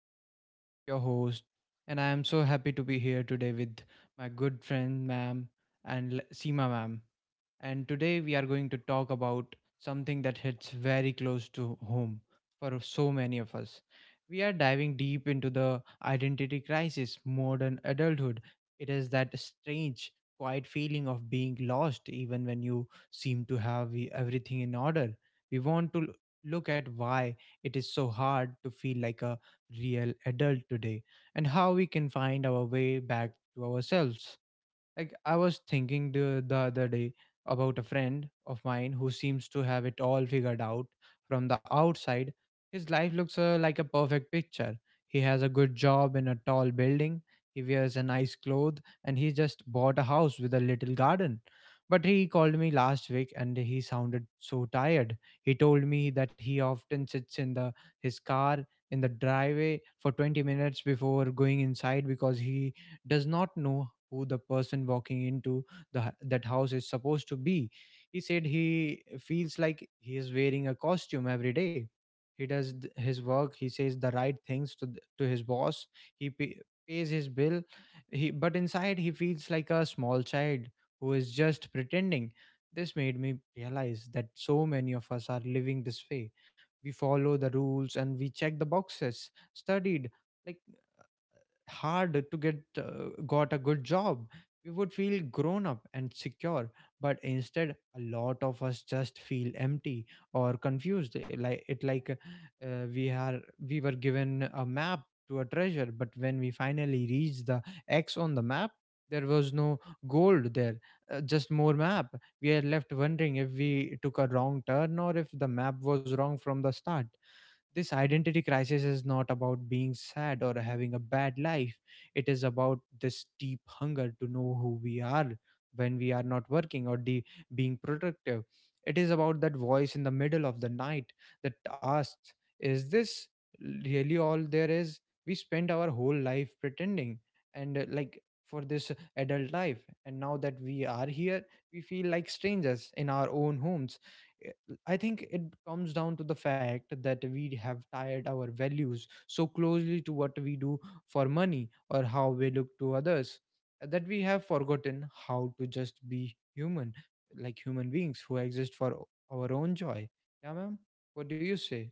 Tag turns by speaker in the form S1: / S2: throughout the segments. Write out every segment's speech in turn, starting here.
S1: Vishnu, your host, and I am so happy to be here today with my good friend, ma'am, and Seema, ma'am. And today we are going to talk about something that hits very close to home for so many of us. We are diving deep into the identity crisis, modern adulthood. It is that strange, quiet feeling of being lost even when you seem to have everything in order. We want to look at why it is so hard to feel like a real adult today and how we can find our way back to ourselves. Like, I was thinking the other day about a friend of mine who seems to have it all figured out. From the outside, his life looks like a perfect picture. He has a good job in a tall building, he wears a nice clothes, and he just bought a house with a little garden. But he called me last week and he sounded so tired. He told me that he often sits in the his car in the driveway for 20 minutes before going inside because he does not know who the person walking into that house is supposed to be. He said he feels like he is wearing a costume every day. He does his work, he says the right things to to his boss, he pays his bill, he but inside he feels like a small child who is just pretending. This made me realize that so many of us are living this way. We follow the rules and we check the boxes, studied like hard to get got a good job, we would feel grown up and secure. But instead, a lot of us just feel empty or confused, like it like we are, we were given a map to a treasure, but when we finally reached the x on the map, there was no gold there, just more map. We are left wondering if we took a wrong turn or if the map was wrong from the start. This identity crisis is not about being sad or having a bad life. It is about this deep hunger to know who we are when we are not working or being productive. It is about that voice in the middle of the night that asks, is this really all there is? We spend our whole life pretending and like for this adult life. And now that we are here, we feel like strangers in our own homes. I think it comes down to the fact that we have tied our values so closely to what we do for money or how we look to others, that we have forgotten how to just be human, like human beings who exist for our own joy. Yeah, ma'am? What do you say?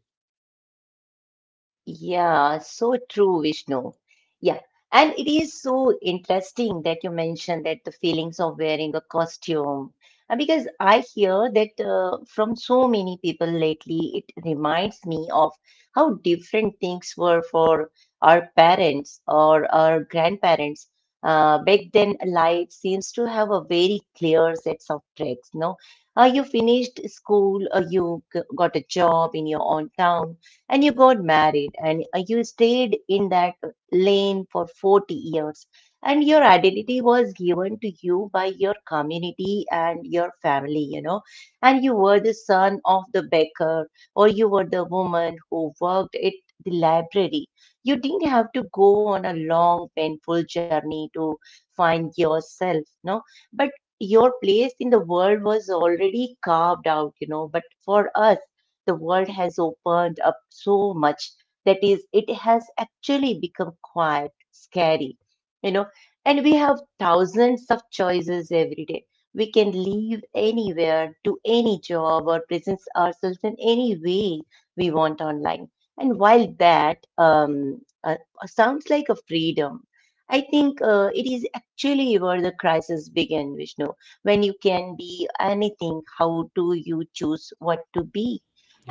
S2: Yeah, so true, Vishnu. Yeah, and it is so interesting that you mentioned that the feelings of wearing a costume, because I hear that from so many people lately. It reminds me of how different things were for our parents or our grandparents. Back then, life seems to have a very clear sets of tracks. No, you finished school, got a job in your own town, and you got married, and you stayed in that lane for 40 years, and your identity was given to you by your community and your family, you know, and you were the son of the baker, or you were the woman who worked at the library. You didn't have to go on a long painful journey to find yourself. No, but your place in the world was already carved out, you know. But for us, the world has opened up so much that is it has actually become quite scary, you know, and we have thousands of choices every day. We can live anywhere, do any job, or present ourselves in any way we want online. And while that sounds like a freedom, I think it is actually where the crisis began, Vishnu. When you can be anything, how do you choose what to be?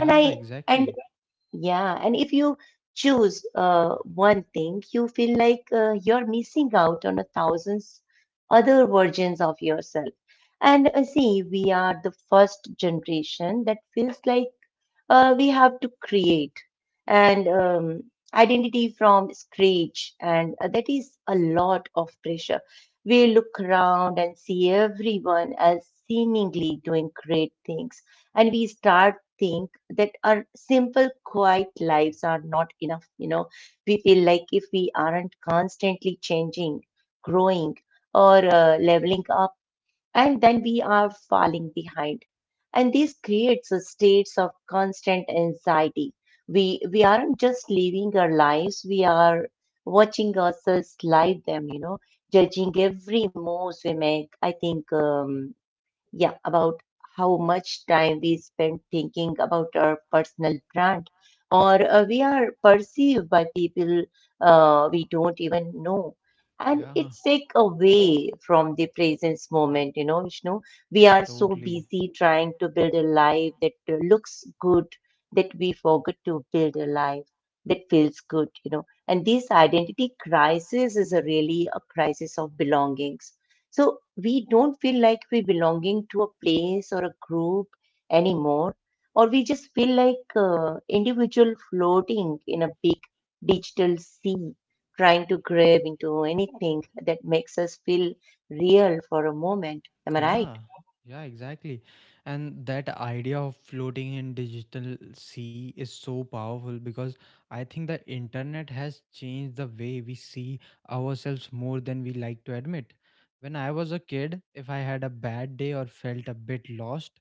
S2: And I, and
S1: exactly.
S2: Yeah, and if you choose one thing, you feel like you're missing out on a thousands other versions of yourself. And see, we are the first generation that feels like we have to create and identity from scratch, and that is a lot of pressure. We look around and see everyone as seemingly doing great things, and we start think that our simple quiet lives are not enough, you know. We feel like if we aren't constantly changing, growing, or leveling up, and then we are falling behind. And this creates a states of constant anxiety. We aren't just living our lives, we are watching ourselves live them, you know, judging every move we make. I think yeah, about how much time we spend thinking about our personal brand, or we are perceived by people we don't even know. And
S1: Yeah,
S2: it's like away from the presence moment, you know, Vishnu. We are so
S1: totally.
S2: busy trying to build a life that looks good, that we forget to build a life that feels good, you know. And this identity crisis is a really a crisis of belongings. So we don't feel like we belonging to a place or a group anymore, or we just feel like individual floating in a big digital sea, trying to grab into anything that makes us feel real for a moment. Am I right?
S1: Yeah, yeah, exactly. And that idea of floating in digital sea is so powerful because I think the internet has changed the way we see ourselves more than we like to admit. When I was a kid, if I had a bad day or felt a bit lost,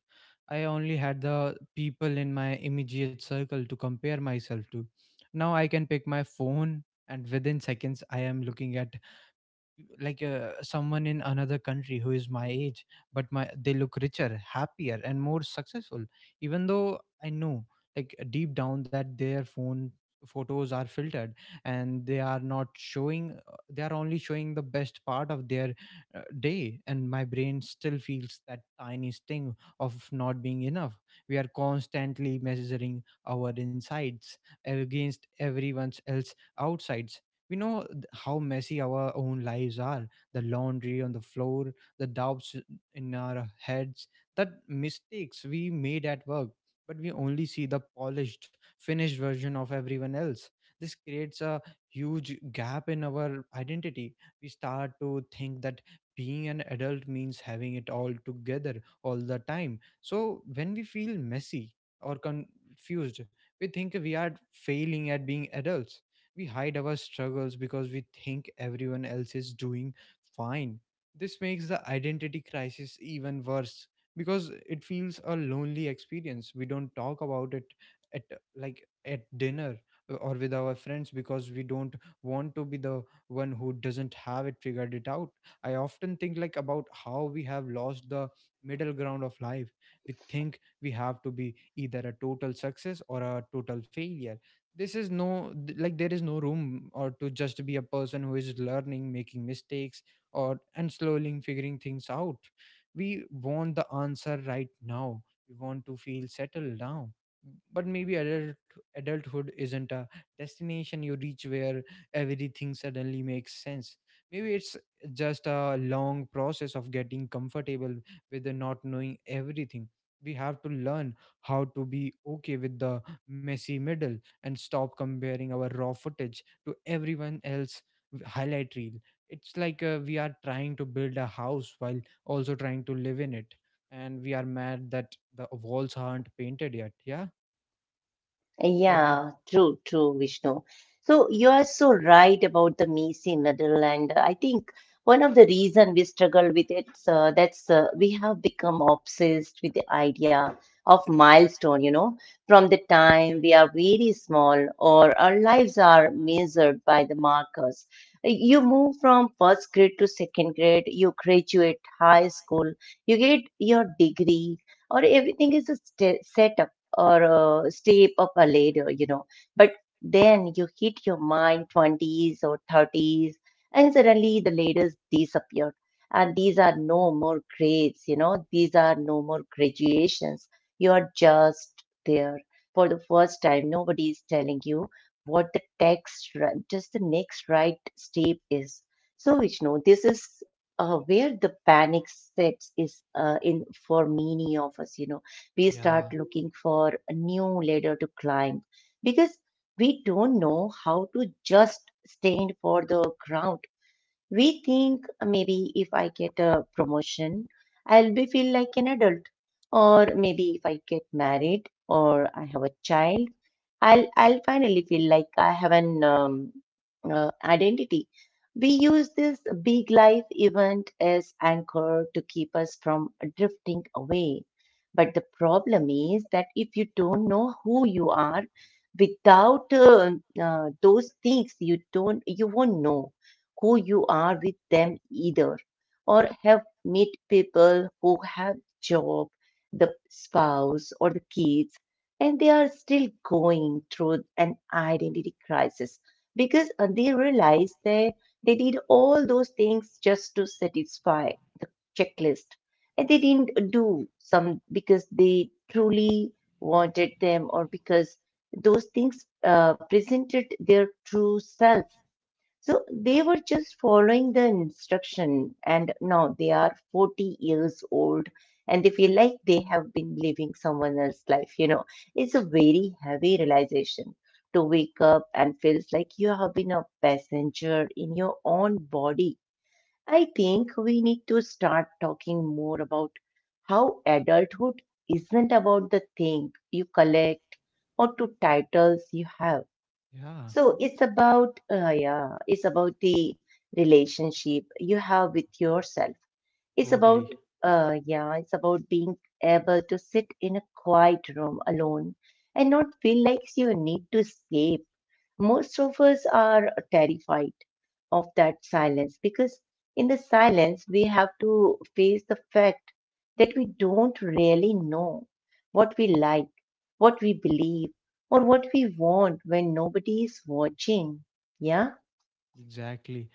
S1: I only had the people in my immediate circle to compare myself to. Now I can pick my phone and within seconds I am looking at like someone in another country who is my age, but my they look richer, happier, and more successful, even though I know like deep down that their phone photos are filtered and they are not showing they are only showing the best part of their day, and my brain still feels that tiny sting of not being enough. We are constantly measuring our insides against everyone else outsides. We know how messy our own lives are, the laundry on the floor, the doubts in our heads, the mistakes we made at work, but we only see the polished finished version of everyone else. This creates a huge gap in our identity. We start to think that being an adult means having it all together all the time, so when we feel messy or confused, we think we are failing at being adults. We hide our struggles because we think everyone else is doing fine. This makes the identity crisis even worse because it feels a lonely experience. We don't talk about it at like at dinner or with our friends because we don't want to be the one who doesn't have it figured it out. I often think like about how we have lost the middle ground of life. We think we have to be either a total success or a total failure. This is no like there is no room or to just be a person who is learning, making mistakes or and slowly figuring things out. We want the answer right now, we want to feel settled now. But maybe adulthood isn't a destination you reach where everything suddenly makes sense. Maybe it's just a long process of getting comfortable with the not knowing everything. We have to learn how to be okay with the messy middle and stop comparing our raw footage to everyone else highlight reel. It's like we are trying to build a house while also trying to live in it, and we are mad that the walls aren't painted yet. Yeah, what do you.
S2: Yeah, true, true, Vishnu. So you are so right about the Missy medal, and I think one of the reason we struggle with it, that's we have become obsessed with the idea of milestone. You know, from the time we are very small, or our lives are measured by the markers. You move from first grade to second grade, you graduate high school, you get your degree, or everything is a st set up or stay up a later, you know. But then you hit your mind 20s or 30s, and suddenly the letters disappeared. And these are no more grades, you know, these are no more graduations. You are just there for the first time. Nobody is telling you what the text, just the next right step is. So, Vishnu, this is where the panic sets is in for many of us, you know. We
S1: Yeah,
S2: start looking for a new ladder to climb because we don't know how to just stand for the ground. We think maybe if I get a promotion, I'll be feel like an adult, or maybe if I get married or I have a child, I'll finally feel like I have an identity. We use this big life event as anchor to keep us from drifting away. But the problem is that if you don't know who you are, without those things, you won't know who you are with them either, or have meet people who have job, the spouse or the kids, and they are still going through an identity crisis because they realize they they did all those things just to satisfy the checklist, and they didn't do some because they truly wanted them, or because those things presented their true self. So they were just following the instruction, and now they are 40 years old, and they feel like they have been living someone else's life. You know, it's a very heavy realization to wake up and feels like you have been a passenger in your own body. I think we need to start talking more about how adulthood isn't about the thing you collect or to titles you have.
S1: yeah,
S2: So it's about it's about the relationship you have with yourself. It's about
S1: totally.
S2: yeah, it's about being able to sit in a quiet room alone and not feel like you need to escape. Most of us are terrified of that silence because in the silence we have to face the fact that we don't really know what we like, what we believe, or what we want when nobody is watching. Yeah.
S1: Exactly.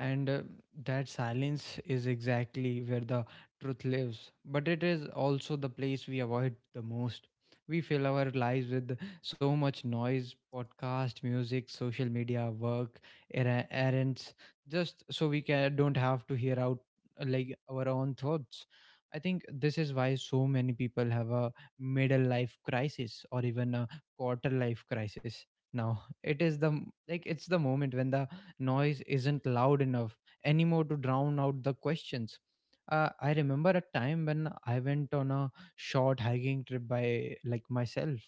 S1: And that silence is exactly where the truth lives. But it is also the place we avoid the most. We fill our lives with so much noise, podcast, music, social media, work, errands, just so we can, don't have to hear out like our own thoughts. I think this is why so many people have a middle life crisis or even a quarter life crisis now. It is like it's the moment when the noise isn't loud enough anymore to drown out the questions. I remember a time when I went on a short hiking trip by like myself.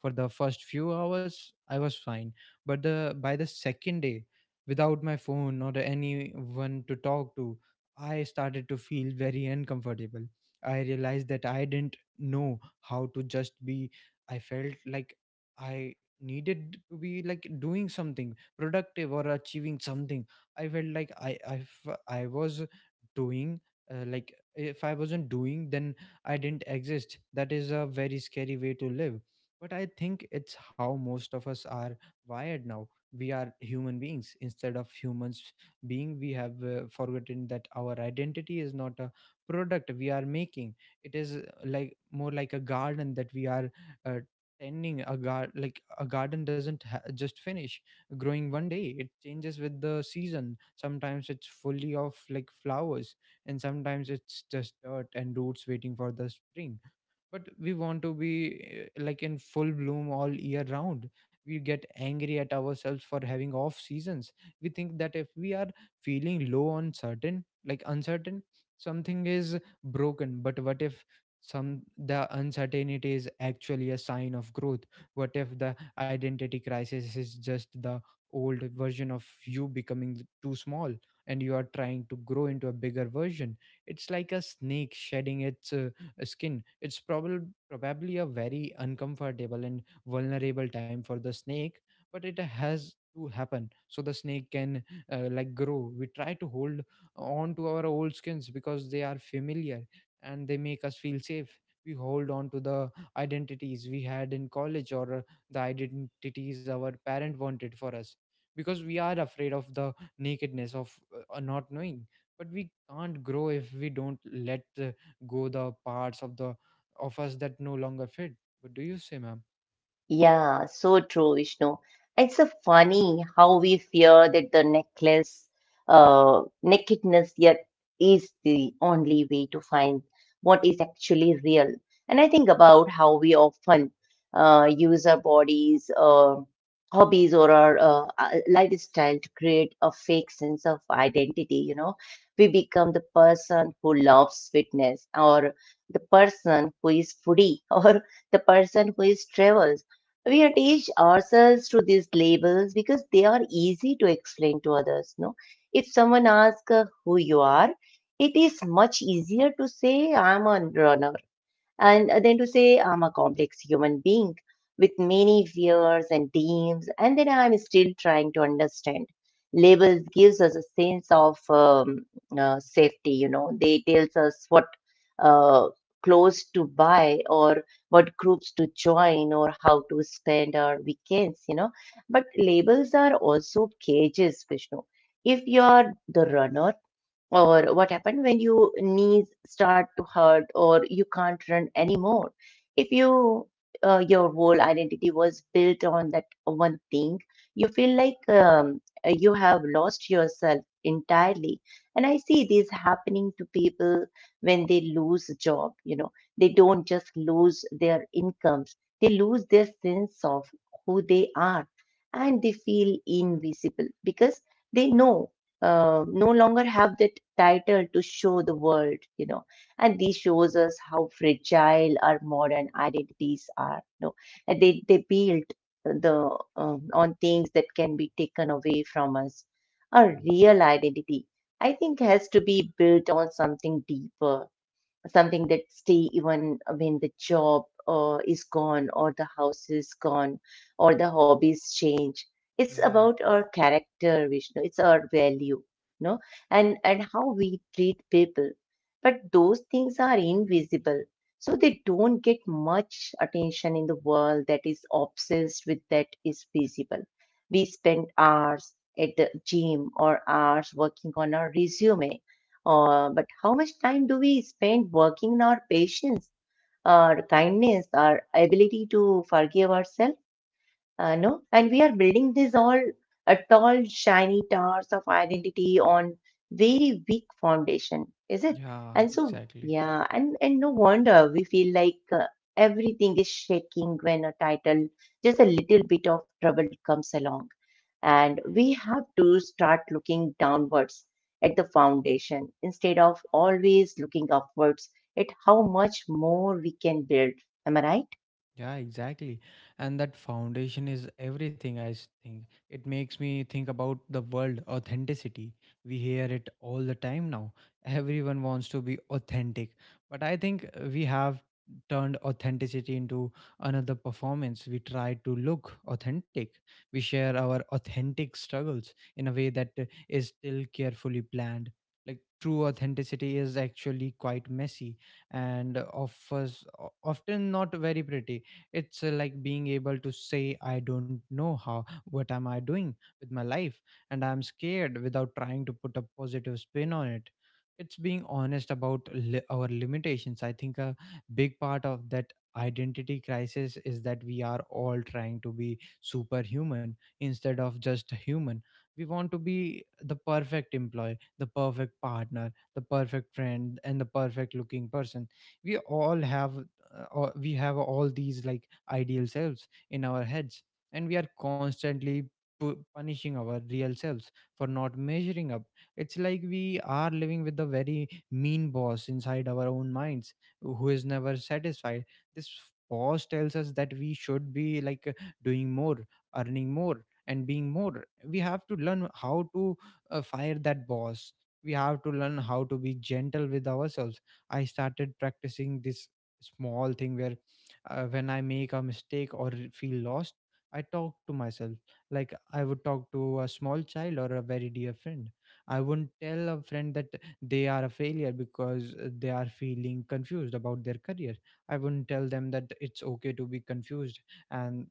S1: For the first few hours, I was fine, but the by the second day, without my phone or anyone to talk to, I started to feel very uncomfortable. I realized that I didn't know how to just be. I felt like I needed to be like doing something productive or achieving something. I felt like I was doing like if I wasn't doing then I didn't exist. That is a very scary way to live, but I think it's how most of us are wired now. We are human beings instead of humans being. We have forgotten that our identity is not a product we are making. It is more like a garden that we are uh, tending. A gar like a garden doesn't just finish growing one day. It changes with the season. Sometimes it's fully of like flowers, and sometimes it's just dirt and roots waiting for the spring. But we want to be, like, in full bloom all year round. We get angry at ourselves for having off seasons. We think that if we are feeling low on certain like uncertain, something is broken. But what if some the uncertainty is actually a sign of growth? What if the identity crisis is just the old version of you becoming too small and you are trying to grow into a bigger version? It's like a snake shedding its skin. It's probably a very uncomfortable and vulnerable time for the snake, but it has to happen so the snake can like grow. We try to hold on to our old skins because they are familiar and they make us feel safe. We hold on to the identities we had in college or the identities our parent wanted for us because we are afraid of the nakedness of not knowing. But we can't grow if we don't let go the parts of the of us that no longer fit. What do you say, ma'am?
S2: Yeah, so true, Vishnu. It's so funny how we fear that the necklace, nakedness yet is the only way to find what is actually real. And I think about how we often use our bodies, hobbies, or our lifestyle to create a fake sense of identity. You know, we become the person who loves fitness, or the person who is foodie, or the person who is travels. We attach ourselves to these labels because they are easy to explain to others. No, if someone asks who you are, it is much easier to say I'm a runner and then to say I'm a complex human being with many fears and dreams, and then I'm still trying to understand. Labels gives us a sense of um, safety. You know, they tells us what uh, clothes to buy, or what groups to join, or how to spend our weekends. You know, but labels are also cages, Vishnu. If you are the runner, or what happened when your knees start to hurt or you can't run anymore, if you your whole identity was built on that one thing, you feel like you have lost yourself entirely. And I see this happening to people when they lose a job, you know. They don't just lose their incomes, they lose their sense of who they are, and they feel invisible because they know no longer have that title to show the world, you know. And this shows us how fragile our modern identities are. You know, and they build the on things that can be taken away from us. Our real identity, I think, has to be built on something deeper, something that stay even when the job is gone, or the house is gone, or the hobbies change. It's
S1: Yeah,
S2: about our character, Vishnu. It's our value, no, and how we treat people. But those things are invisible, so they don't get much attention in the world that is obsessed with that is visible. We spend hours at the gym or hours working on our resume, but how much time do we spend working on our patience, our kindness, our ability to forgive ourselves? No, and we are building these all tall shiny towers of identity on very weak foundation, is it?
S1: yeah,
S2: and so
S1: exactly.
S2: yeah and and no wonder we feel like everything is shaking when a title, just a little bit of trouble comes along, and we have to start looking downwards at the foundation instead of always looking upwards at how much more we can build. Am I right?
S1: Yeah, exactly. And that foundation is everything, I think. It makes me think about the word authenticity. We hear it all the time now. Everyone wants to be authentic. But I think we have turned authenticity into another performance. We try to look authentic. We share our authentic struggles in a way that is still carefully planned. Like true authenticity is actually quite messy and offers often not very pretty. It's like being able to say, I don't know how, what am I doing with my life, and I'm scared without trying to put a positive spin on it. It's being honest about our limitations. I think a big part of that identity crisis is that we are all trying to be superhuman instead of just human. We want to be the perfect employee, the perfect partner, the perfect friend, and the perfect looking person. We all have we have all these ideal selves in our heads, and we are constantly punishing our real selves for not measuring up. It's like we are living with a very mean boss inside our own minds who is never satisfied. This boss tells us that we should be doing more, earning more, and being more. We have to learn how to fire that boss. We have to learn how to be gentle with ourselves. I started practicing this small thing where, when I make a mistake or feel lost, I talk to myself like I would talk to a small child or a very dear friend. I wouldn't tell a friend that they are a failure because they are feeling confused about their career. I wouldn't tell them that it's okay to be confused and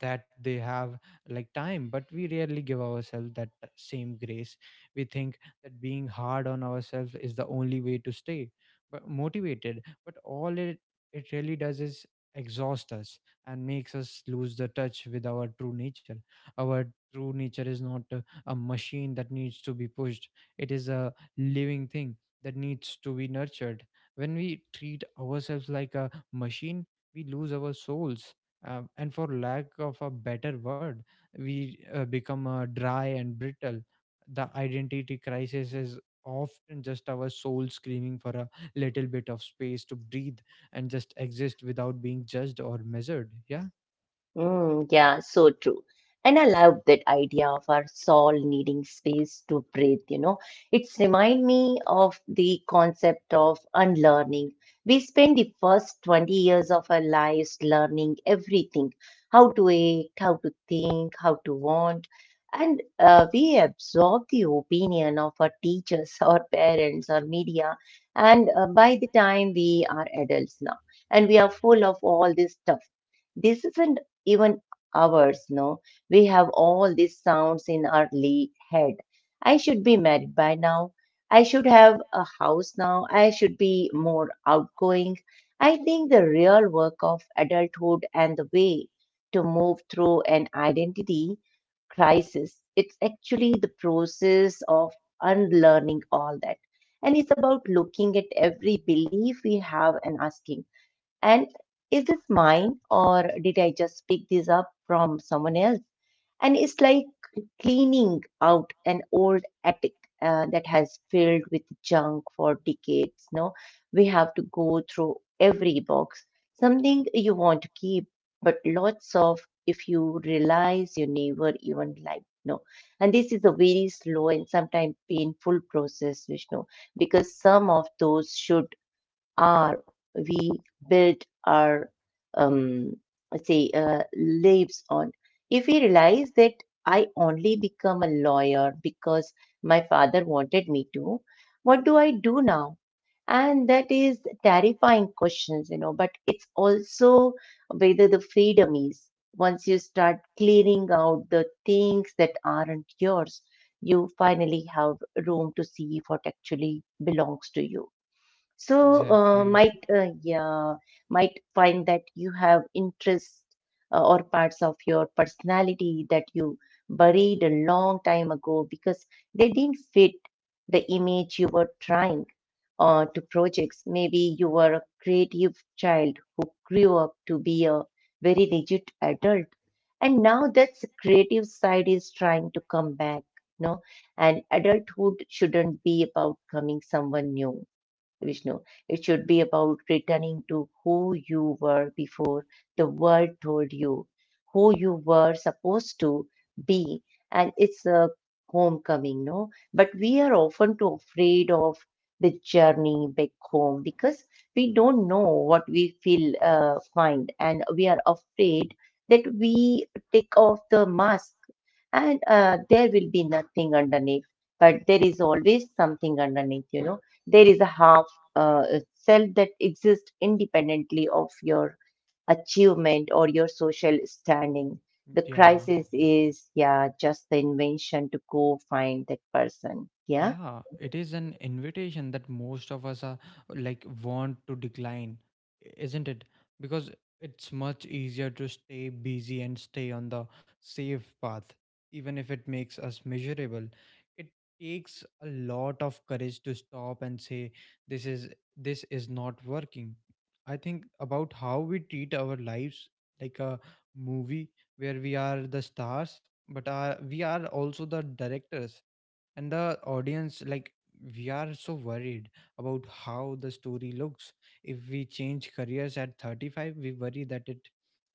S1: that they have time, but we rarely give ourselves that same grace. We think that being hard on ourselves is the only way to stay but motivated, but all it it really does is exhaust us and makes us lose the touch with our true nature. Our true nature is not a machine that needs to be pushed. It is a living thing that needs to be nurtured. When we treat ourselves like a machine, we lose our souls, and for lack of a better word, we become dry and brittle. The identity crisis is often just our soul screaming for a little bit of space to breathe and just exist without being judged or measured. Yeah,
S2: Mm, yeah, so true. And I love that idea of our soul needing space to breathe, you know. It's remind me of the concept of unlearning. We spend the first 20 years of our lives learning everything, how to act, how to think, how to want. And we absorb the opinion of our teachers, our parents, our media. And by the time we are adults now, and we are full of all this stuff. This isn't even ours, no? We have all these sounds in our head. I should be married by now. I should have a house now. I should be more outgoing. I think the real work of adulthood and the way to move through an identity crisis, it's actually the process of unlearning all that. And it's about looking at every belief we have and asking, and is this mine or did I just pick this up from someone else? And it's like cleaning out an old attic that has filled with junk for decades. No, we have to go through every box, something you want to keep, but lots of if you realize you never even like. No, and this is a very slow and sometimes painful process, Vishnu, because some of those should are we build our um let's say lives on if we realize that I only become a lawyer because my father wanted me to, what do I do now? And that is terrifying questions, you know, but it's also whether the freedom is once you start clearing out the things that aren't yours, you finally have room to see what actually belongs to you. So
S1: exactly.
S2: might yeah, might find that you have interests or parts of your personality that you buried a long time ago because they didn't fit the image you were trying to projects. Maybe you were a creative child who grew up to be a very rigid adult, and now that's creative side is trying to come back. No, and adulthood shouldn't be about coming someone new, Vishnu. It should be about returning to who you were before the world told you who you were supposed to be. And it's a homecoming, no? But we are often too afraid of the journey back home because we don't know what we feel find, and we are afraid that we take off the mask and there will be nothing underneath, but there is always something underneath, you know. There is a harm uh, self that exists independently of your achievement or your social standing. The
S1: Yeah,
S2: crisis is, yeah, just the invention to go find that person. Yeah.
S1: yeah, it is an invitation that most of us are want to decline, isn't it? Because it's much easier to stay busy and stay on the safe path, even if it makes us miserable. It takes a lot of courage to stop and say, This is this is not working. I think about how we treat our lives like a movie where we are the stars, but are we are also the directors and the audience. Like, we are so worried about how the story looks. If we change careers at 35, we worry that it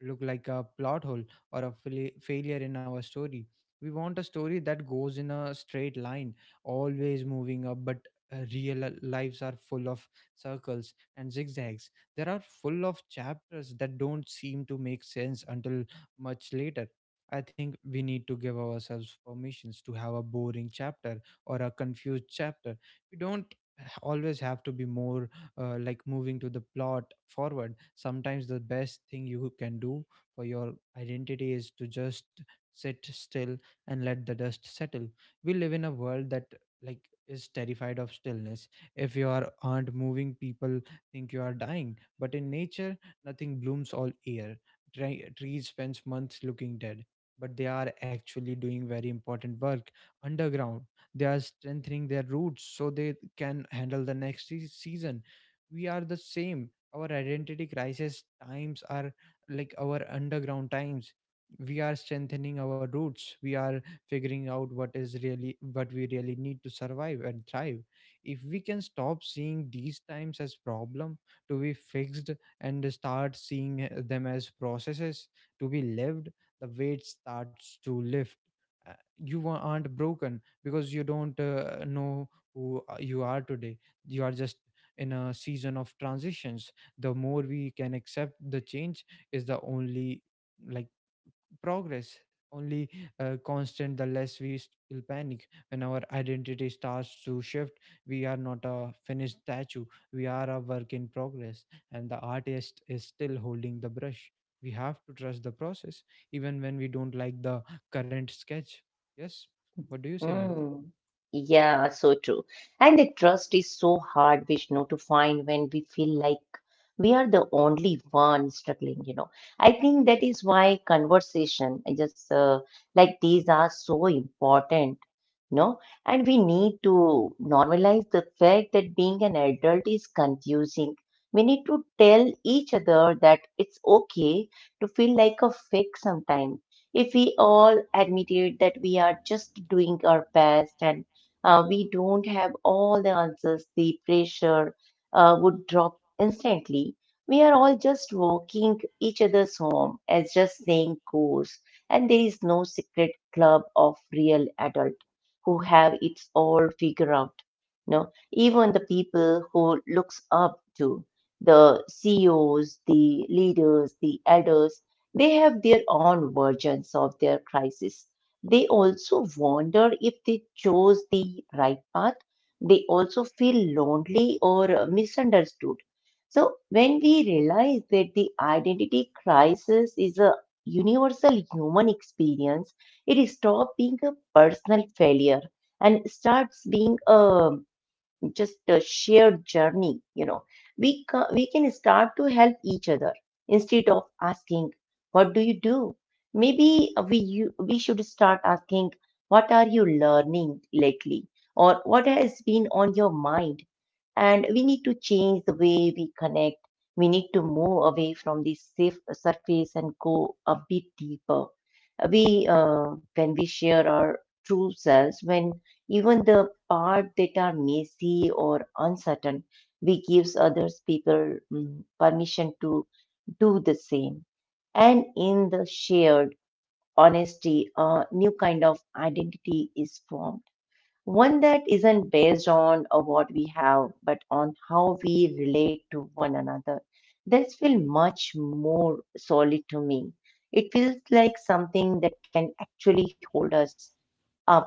S1: look like a plot hole or a failure in our story. We want a story that goes in a straight line, always moving up, but real lives are full of circles and zigzags. There are full of chapters that don't seem to make sense until much later. I think we need to give ourselves permissions to have a boring chapter or a confused chapter. We don't always have to be more like moving to the plot forward. Sometimes the best thing you can do for your identity is to just sit still and let the dust settle. We live in a world that like is terrified of stillness. If you aren't moving, people think you are dying. But in nature, nothing blooms all year. Trees spends months looking dead, but they are actually doing very important work underground. They are strengthening their roots so they can handle the next season. We are the same. Our identity crisis times are like our underground times. We are strengthening our roots. We are figuring out what is really what we really need to survive and thrive. If we can stop seeing these times as problem to be fixed and start seeing them as processes to be lived, the weight starts to lift. Uh, you aren't broken because you don't know who you are today. You are just in a season of transitions. The more we can accept the change is the only like progress only constant, the less we still panic when our identity starts to shift. We are not a finished statue. We are a work in progress, and the artist is still holding the brush. We have to trust the process even when we don't like the current sketch. Yes. What do you say, ma'am?
S2: Mm. Yeah, so true. And the trust is so hard, Vishnu, to find when we feel like we are the only one struggling, you know. I think that is why conversation, I just like these, are so important, no? And we need to normalize the fact that being an adult is confusing. We need to tell each other that it's okay to feel like a fake sometimes. If we all admitted that we are just doing our best and we don't have all the answers, the pressure would drop instantly. We are all just walking each other's home, as just saying goes, and there is no secret club of real adult who have it all figured out. No, even the people who looks up to the CEOs, the leaders, the elders, they have their own versions of their crisis. They also wonder if they chose the right path. They also feel lonely or misunderstood. So when we realize that the identity crisis is a universal human experience, it stops being a personal failure and starts being a just a shared journey. You know, we can start to help each other instead of asking, "What do you do?" Maybe we should start asking, "What are you learning lately?" or "What has been on your mind?" And we need to change the way we connect. We need to move away from the safe surface and go a bit deeper. We, when we share our true selves, when even the part that are messy or uncertain, we gives others people permission to do the same. And in the shared honesty, a new kind of identity is formed, one that isn't based on what we have, but on how we relate to one another. That feels much more solid to me. It feels like something that can actually hold us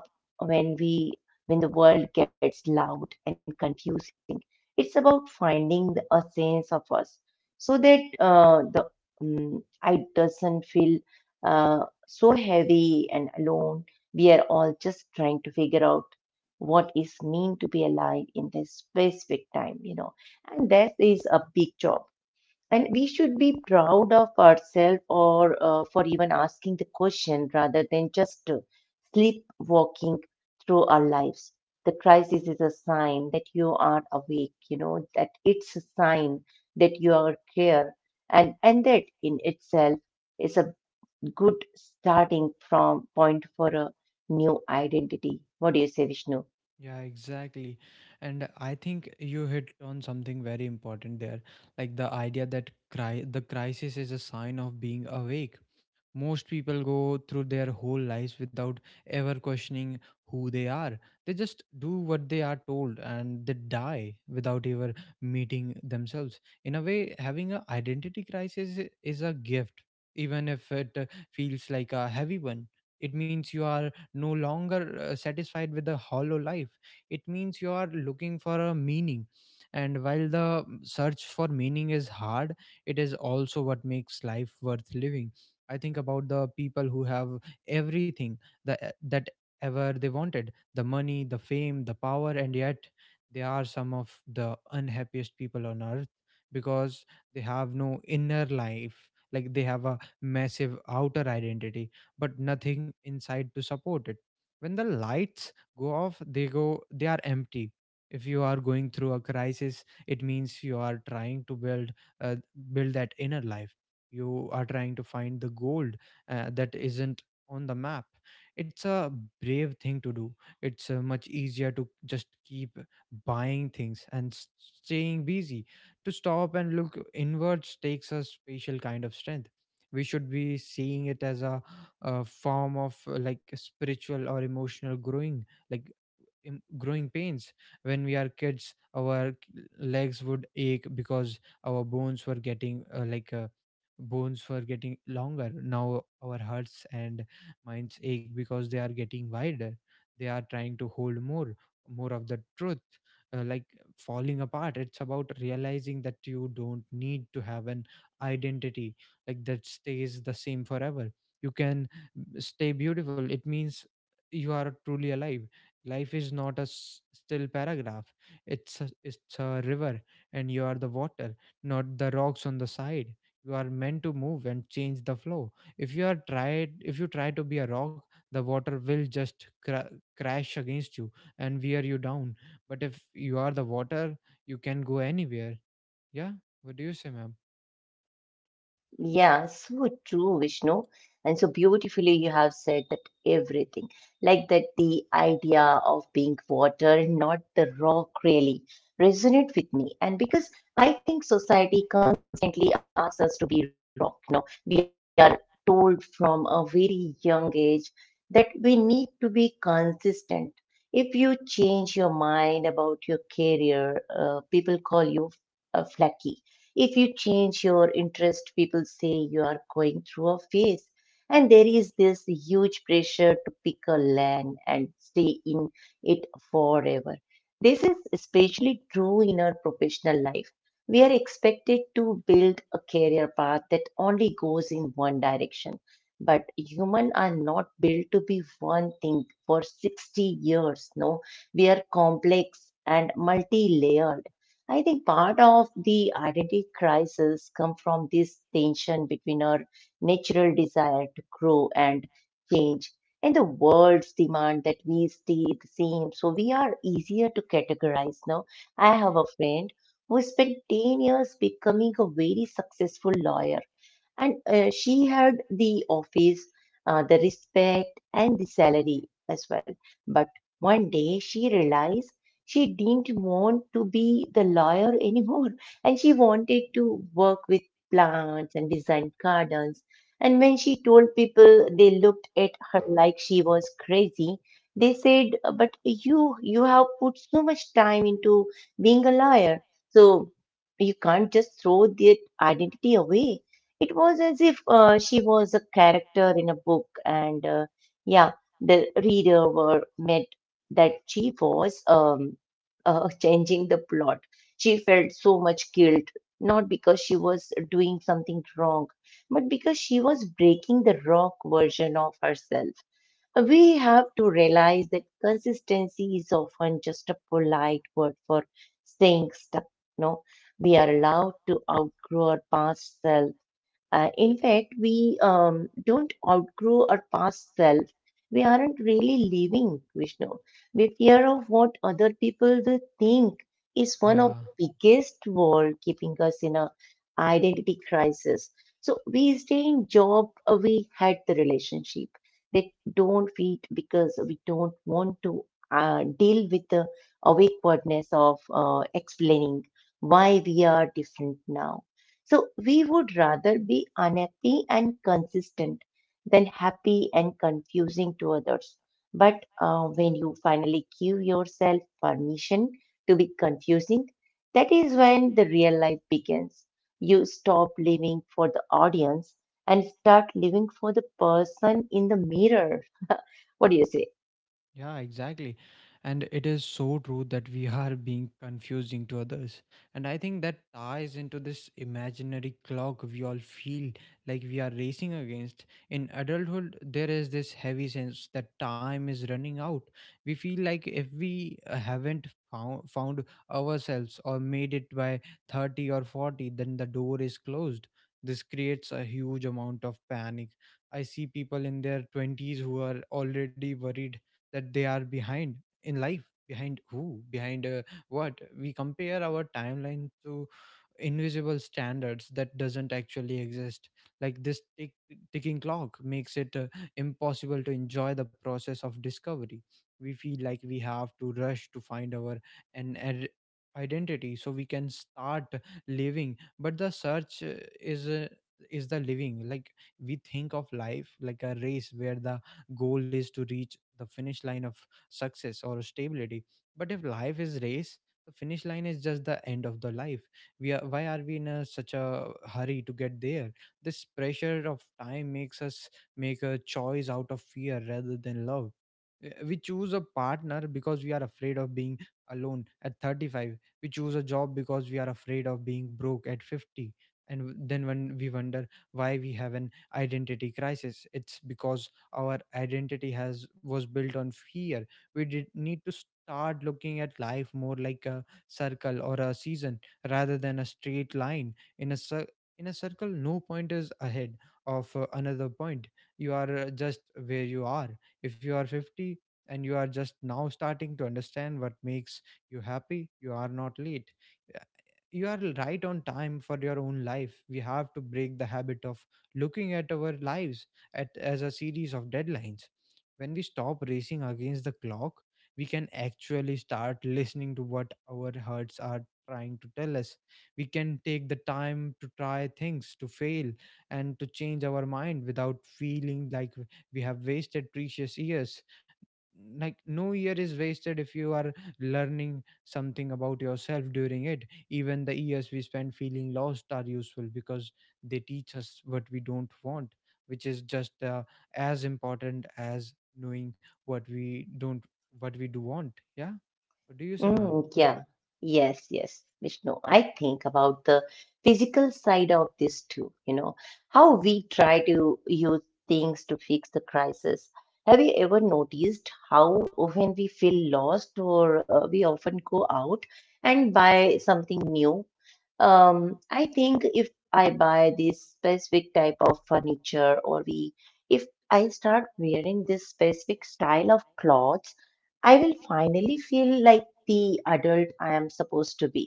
S2: up when we when the world gets loud and confusing. It's about finding a sense of us so that the I doesn't feel uh, so heavy and alone. We are all just trying to figure out what is mean to be alive in this specific time, you know, and that is a big job. And we should be proud of ourselves or for even asking the question rather than just sleepwalking through our lives. The crisis is a sign that you are awake, you know, that it's a sign that you are clear, and that in itself is a good starting from point for a new identity. What do you say, Vishnu?
S1: Yeah, exactly. And I think you hit on something very important there, like the idea that the crisis is a sign of being awake. Most people go through their whole lives without ever questioning who they are. They just do what they are told and they die without ever meeting themselves. In a way, having an identity crisis is a gift, even if it feels like a heavy one. It means you are no longer satisfied with a hollow life. It means you are looking for a meaning. And while the search for meaning is hard, it is also what makes life worth living. I think about the people who have everything, the, that ever they wanted, the money, the fame, the power, and yet they are some of the unhappiest people on earth because they have no inner life. Like, they have a massive outer identity but nothing inside to support it. When the lights go off, they are empty. If you are going through a crisis, it means you are trying to uh, build that inner life. You are trying to find the gold that isn't on the map. It's a brave thing to do. It's much easier to just keep buying things and staying busy. To stop and look inwards takes a special kind of strength. We should be seeing it as a form of like a spiritual or emotional growing, like growing pains. When we are kids, our legs would ache because our bones were getting bones were getting longer. Now our hearts and minds ache because they are getting wider. They are trying to hold more, more of the truth. uh, like falling apart, it's about realizing that you don't need to have an identity that stays the same forever. You can, stay beautiful. It means you are truly alive. Life is not a still paragraph. It's it's a river, and you are the water, not the rocks on the side. You are meant to move and change the flow. If you try to be a rock, the water will just crash against you and wear you down. But if you are the water, you can go anywhere. Yeah. What do you say, ma'am?
S2: Yeah, so true, Vishnu. And so beautifully, you have said that everything. Like that, the idea of being water and not the rock really resonate with me. And because I think society constantly asks us to be rock, you know, we are told from a very young age that we need to be consistent. If you change your mind about your career, people call you a flaky. If you change your interest, people say you are going through a phase. And there is this huge pressure to pick a land and stay in it forever. This is especially true in our professional life. We are expected to build a career path that only goes in one direction. But humans are not built to be one thing for 60 years. No, we are complex and multi layered. I think part of the identity crisis come from this tension between our natural desire to grow and change and the world's demand that we stay the same. So we are easier to categorize now. I have a friend who spent 10 years becoming a very successful lawyer and she had the office, the respect, and the salary as well. But one day she realized she didn't want to be the lawyer anymore, and she wanted to work with plants and design gardens. And when she told people, they looked at her like she was crazy. They said, "But you have put so much time into being a lawyer. So you can't just throw that identity away." It was as if she was a character in a book, and yeah, the reader were meant that she was changing the plot. She felt so much guilt, not because she was doing something wrong, but because she was breaking the rock version of herself. We have to realize that consistency is often just a polite word for staying stuck. No, we are allowed to outgrow our past self. In fact, we don't outgrow our past self. We aren't really living, Vishnu. We fear of what other people will think is one of
S1: Yeah.
S2: the biggest wall keeping us in a identity crisis. So we stay in job, we had the relationship that don't fit because we don't want to deal with the awkwardness of explaining why we are different now. So we would rather be unhappy and consistent than happy and confusing to others. But when you finally give yourself permission to be confusing, that is when the real life begins. You stop living for the audience and start living for the person in the mirror. What do you say?
S1: Yeah, exactly. And it is so true that we are being confusing to others. And I think that ties into this imaginary clock we all feel like we are racing against. In adulthood, there is this heavy sense that time is running out. We feel like if we haven't found ourselves or made it by 30 or 40, then the door is closed. This creates a huge amount of panic. I see people in their 20s who are already worried that they are behind in life. Behind who? Behind what? We compare our timeline to invisible standards that doesn't actually exist. Like, this ticking clock makes it impossible to enjoy the process of discovery. We feel like we have to rush to find our an ad- identity so we can start living, but the search is uh, is the living. Like, we think of life like a race where the goal is to reach the finish line of success or stability. But if life is race, the finish line is just the end of the life. We are why are we in such a hurry to get there? This pressure of time makes us make a choice out of fear rather than love. We choose a partner because we are afraid of being alone at 35. We choose a job because we are afraid of being broke at 50. And then when we wonder why we have an identity crisis, it's because our identity has was built on fear. We did need to start looking at life more like a circle or a season rather than a straight line. in a cir- in a circle, no point is ahead of another point. You are just where you are. If you are 50 and you are just now starting to understand what makes you happy, you are not late. Uh, you are right on time for your own life. We have to break the habit of looking at our lives as a series of deadlines. When we stop racing against the clock, we can actually start listening to what our hearts are trying to tell us. We can take the time to try things, to fail, and to change our mind without feeling like we have wasted precious years. Like, no year is wasted if you are learning something about yourself during it. Even the years we spend feeling lost are useful because they teach us what we don't want, which is just as important as knowing what we don't what we do want. Yeah. What do you say, ma'am?
S2: Mm, yeah, yes, yes, Vishnu. I think about the physical side of this too, you know, how we try to use things to fix the crisis. Have you ever noticed how when we feel lost or we often go out and buy something new? I think if I buy this specific type of furniture or we, if I start wearing this specific style of clothes, I will finally feel like the adult I am supposed to be.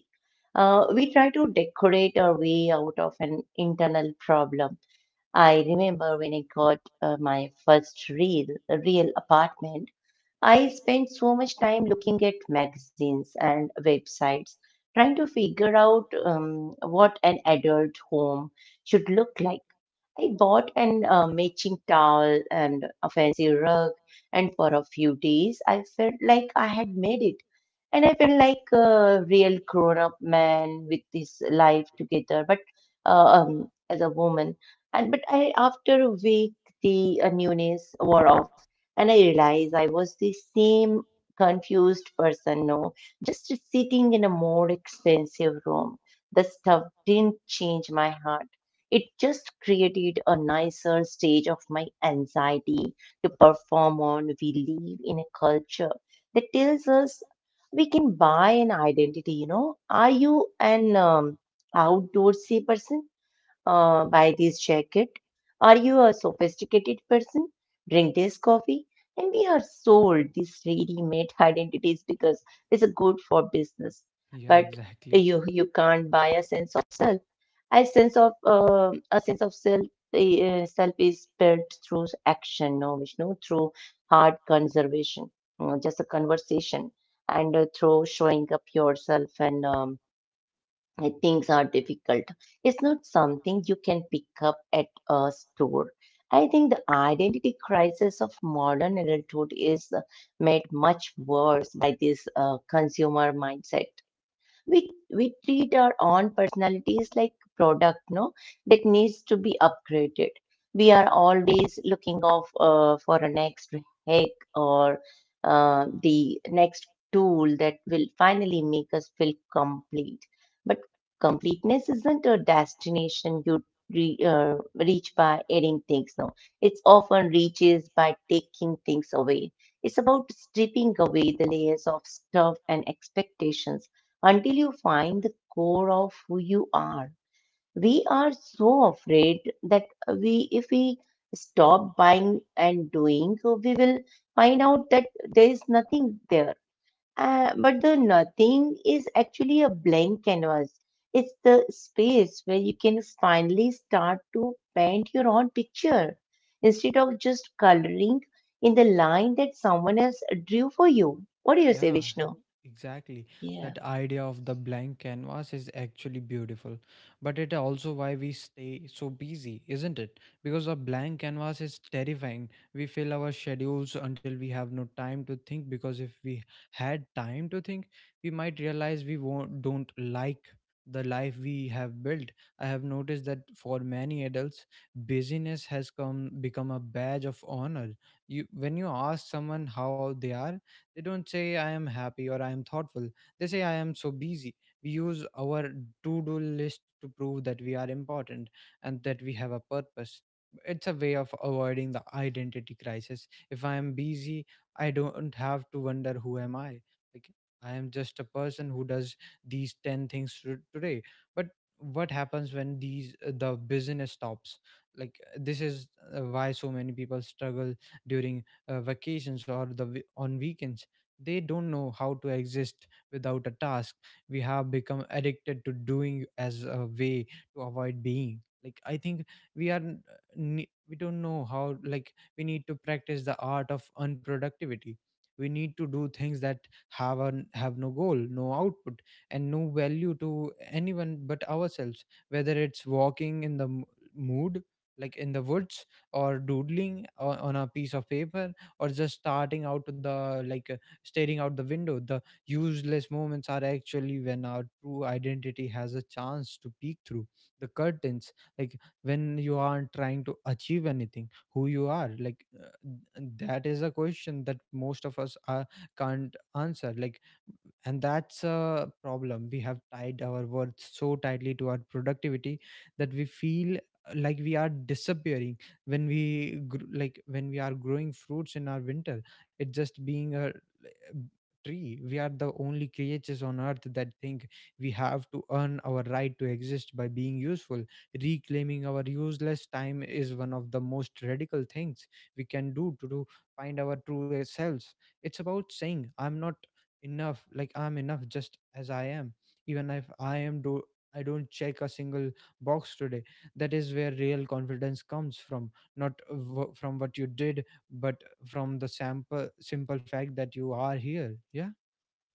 S2: We try to decorate our way out of an internal problem. I remember when I got my real apartment, I spent so much time looking at magazines and websites, trying to figure out what an adult home should look like. I bought an matching towel and a fancy rug, and for a few days I felt like I had made it. And I felt like a real grown up man with his life together, but as a woman. And after a week, the newness wore off, and I realized I was the same confused person, no, just sitting in a more expensive room. The stuff didn't change my heart, it just created a nicer stage of my anxiety to perform on. We live in a culture that tells us we can buy an identity, you know. Are you an outdoorsy person? Buy this jacket. Are you a sophisticated person? Drink this coffee. And we are sold these ready-made identities because it's a good for business.
S1: Yeah,
S2: But
S1: exactly.
S2: you can't buy a sense of self. A sense of self self is built through action, no Vishnu, through hard conservation, you know, just a conversation, and through showing up yourself and things are difficult. It's not something you can pick up at a store. I think the identity crisis of modern adulthood is made much worse by this consumer mindset we we treat our own personalities like product, no, that needs to be upgraded. We are always looking of for a next hack or the next tool that will finally make us feel complete. But completeness isn't a destination you re- uh, reach by adding things, no, it's often reaches by taking things away. It's about stripping away the layers of stuff and expectations until you find the core of who you are. We are so afraid that we, if we stop buying and doing, so we will find out that there is nothing there. But the nothing is actually a blank canvas. It's the space where you can finally start to paint your own picture instead of just coloring in the line that someone else drew for you. What do you say,
S1: Yeah,
S2: Vishnu?
S1: exactly.
S2: Yeah.
S1: That idea of the blank canvas is actually beautiful, but it also why we stay so busy, isn't it? Because a blank canvas is terrifying. We fill our schedules until we have no time to think because if we had time to think, we might realize we won't don't like the life we have built. I have noticed that for many adults, busyness has come become a badge of honor. You when you ask someone how they are, they don't say I am happy or I am thoughtful. They say I am so busy. We use our to do list to prove that we are important and that we have a purpose. It's a way of avoiding the identity crisis. If I am busy, I don't have to wonder who am I. Like, I am just a person who does these 10 things today. But what happens when the business stops? Like, this is why so many people struggle during vacations or on weekends. They don't know how to exist without a task. We have become addicted to doing as a way to avoid being. Like, I think we are n- ne- we don't know how, like we need to practice the art of unproductivity. We need to do things that have no goal, no output, and no value to anyone but ourselves. Whether it's walking in the mood, like in the woods, or doodling on a piece of paper, or just starting out to the like staring out the window. The useless moments are actually when our true identity has a chance to peek through the curtains. Like, when you aren't trying to achieve anything, who you are. Like, that is a question that most of us can't answer. Like, and that's a problem. We have tied our worth so tightly to our productivity that we feel like we are disappearing when we like when we are growing fruits in our winter. It's just being a tree. We are the only creatures on earth that think we have to earn our right to exist by being useful. Reclaiming our useless time is one of the most radical things we can do find our true selves. It's about saying I'm not enough, like I'm enough just as I am, even if I am do I don't check a single box today. That is where real confidence comes from, not from what you did, but from the sample simple fact that you are here. Yeah,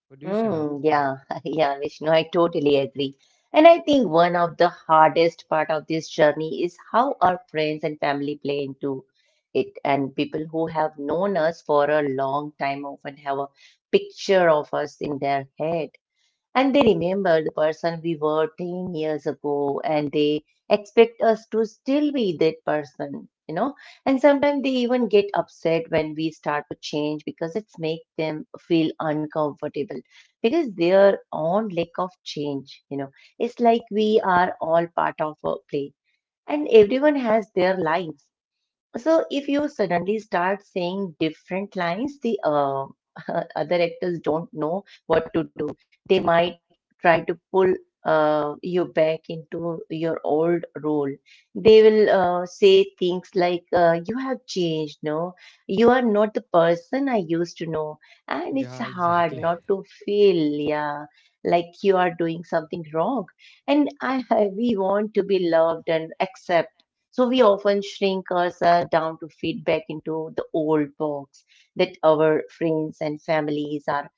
S1: what do you say, ma'am?
S2: Yeah, yeah, Vishnu, I totally agree. And I think one of the hardest part of this journey is how our friends and family play into it. And people who have known us for a long time often have a picture of us in their head. And they remember the person we were 10 years ago, and they expect us to still be that person, you know. And sometimes they even get upset when we start to change because it's make them feel uncomfortable because their own lack of change, you know. It's like we are all part of a play and everyone has their lives. So if you suddenly start saying different lines, the other actors don't know what to do. They might try to pull you back into your old role. They will say things like, "You have changed, no? You are not the person I used to know," and
S1: Yeah,
S2: it's
S1: exactly.
S2: hard not to feel, yeah, like you are doing something wrong. And I, we want to be loved and accepted, so we often shrink ourselves down to fit back into the old box that our friends and families are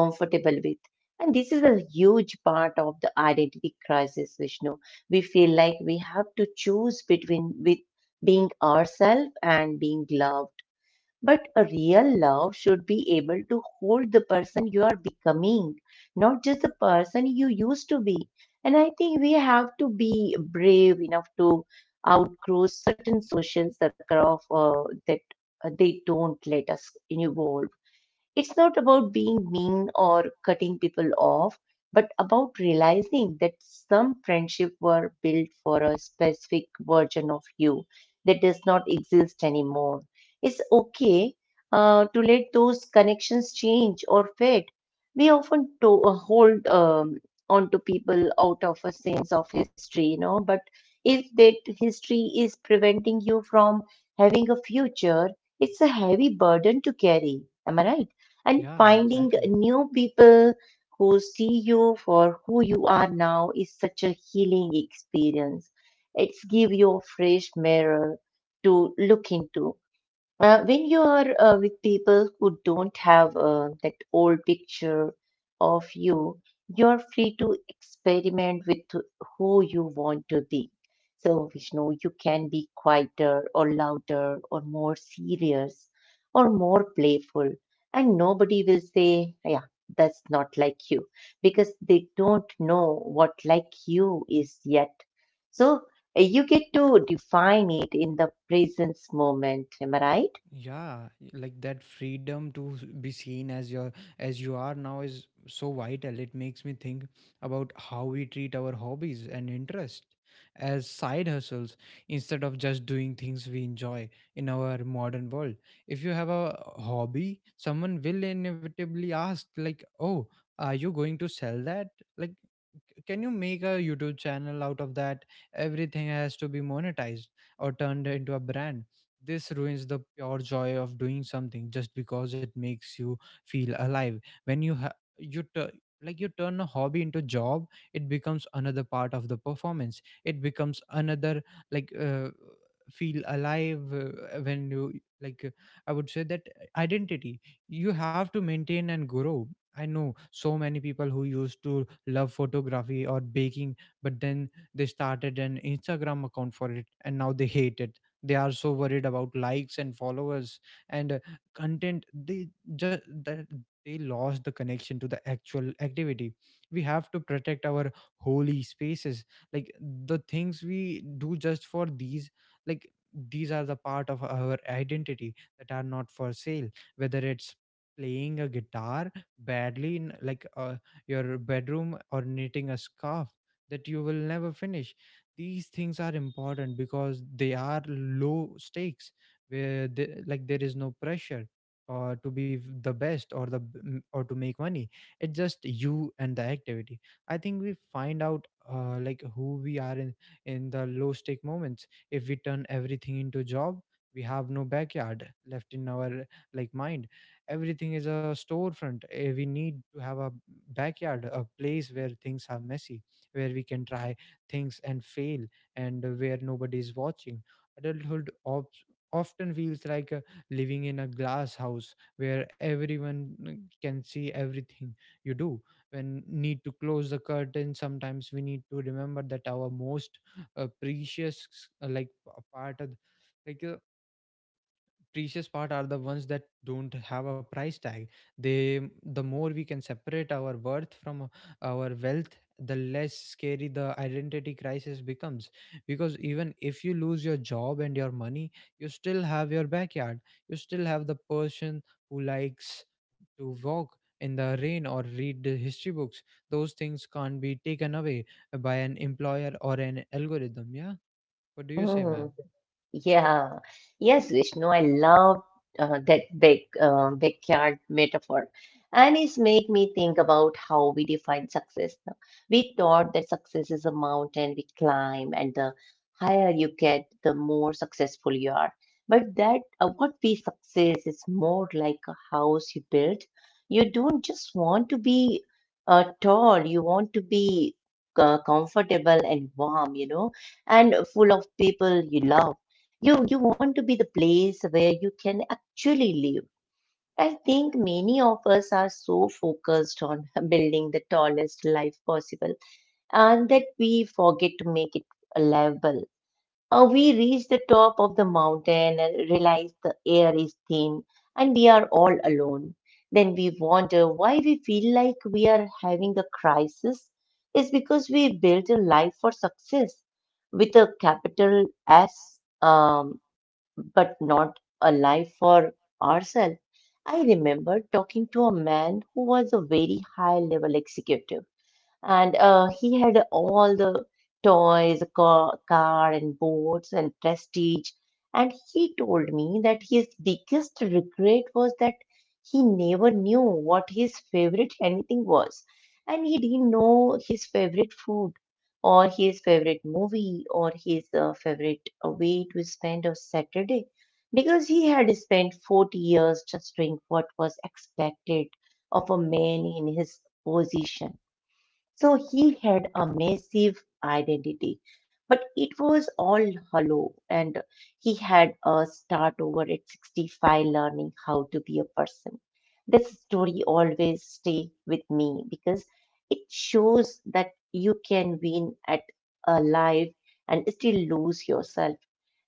S2: comfortable with. And this is a huge part of the identity crisis, Vishnu. We feel like we have to choose between with being ourselves and being loved, but a real love should be able to hold the person you are becoming, not just the person you used to be. And I think we have to be brave enough to outgrow certain social circle of that they don't let us evolve. It's not about being mean or cutting people off, but about realizing that some friendships were built for a specific version of you that does not exist anymore. It's okay to let those connections change or fade. We often hold onto people out of a sense of history, you know, but if that history is preventing you from having a future, it's a heavy burden to carry. Am I right? And
S1: Yeah,
S2: finding
S1: exactly.
S2: new people who see you for who you are now is such a healing experience. It's give you a fresh mirror to look into. When you are with people who don't have that old picture of you, you're free to experiment with who you want to be. So, Vishnu, you can be quieter or louder or more serious or more playful. And nobody will say, yeah, that's not like you because they don't know what like you is yet. So, you get to define it in the presence moment. Am I right?
S1: Yeah, like that freedom to be seen as your as you are now is so vital. It makes me think about how we treat our hobbies and interest as side hustles instead of just doing things we enjoy in our modern world. If you have a hobby, someone will inevitably ask, like, oh, are you going to sell that, like, can you make a YouTube channel out of that? Everything has to be monetized or turned into a brand. This ruins the pure joy of doing something just because it makes you feel alive. When you like you turn a hobby into job, it becomes another part of the performance. It becomes another, like, feel alive, when you, like, I would say that identity you have to maintain and grow. I know so many people who used to love photography or baking, but then they started an Instagram account for it and now they hate it. They are so worried about likes and followers and content, they just that they lost the connection to the actual activity. We have to protect our holy spaces, like the things we do just for these. Like, these are the part of our identity that are not for sale. Whether it's playing a guitar badly in, like, your bedroom, or knitting a scarf that you will never finish, these things are important because they are low stakes, where the like there is no pressure, or to be the best, or or to make money. It's just you and the activity. I think we find out, like who we are, in the low stake moments. If we turn everything into job, we have no backyard left in our, like, mind. Everything is a storefront. We need to have a backyard, a place where things are messy, where we can try things and fail, and where nobody is watching. Adulthood often feels like, living in a glass house where everyone, can see everything you do. When need to close the curtain. Sometimes we need to remember that our most precious like a part of, like uh, precious part are the ones that don't have a price tag. they the more we can separate our worth from our wealth, the less scary the identity crisis becomes. Because even if you lose your job and your money, you still have your backyard. You still have the person who likes to walk in the rain or read the history books. Those things can't be taken away by an employer or an algorithm. Yeah, what do you say, ma'am?
S2: Mm, yeah. Yes, Vishnu, I love that big backyard metaphor. And it's make me think about how we define success now. We thought that success is a mountain we climb, and the higher you get, the more successful you are. But that what we success is more like a house you build. You don't just want to be tall, you want to be comfortable and warm, you know, and full of people you love. You want to be the place where you can actually live. I think many of us are so focused on building the tallest life possible and that we forget to make it livable. We reach the top of the mountain and realize the air is thin and we are all alone. Then we wonder why we feel like we are having a crisis. It's because we built a life for success with a capital S, but not a life for ourselves. I remember talking to a man who was a very high level executive, and he had all toys, a car, and boats and prestige. And he told me that his biggest regret was that he never knew what his favorite anything was. And he didn't know his favorite food or his favorite movie or his favorite way to spend a Saturday because he had spent 40 years just doing what was expected of a man in his position. So he had a massive identity, but it was all hollow, and he had a start over at 65 learning how to be a person. This story always stay with me because it shows that you can win at a life and still lose yourself.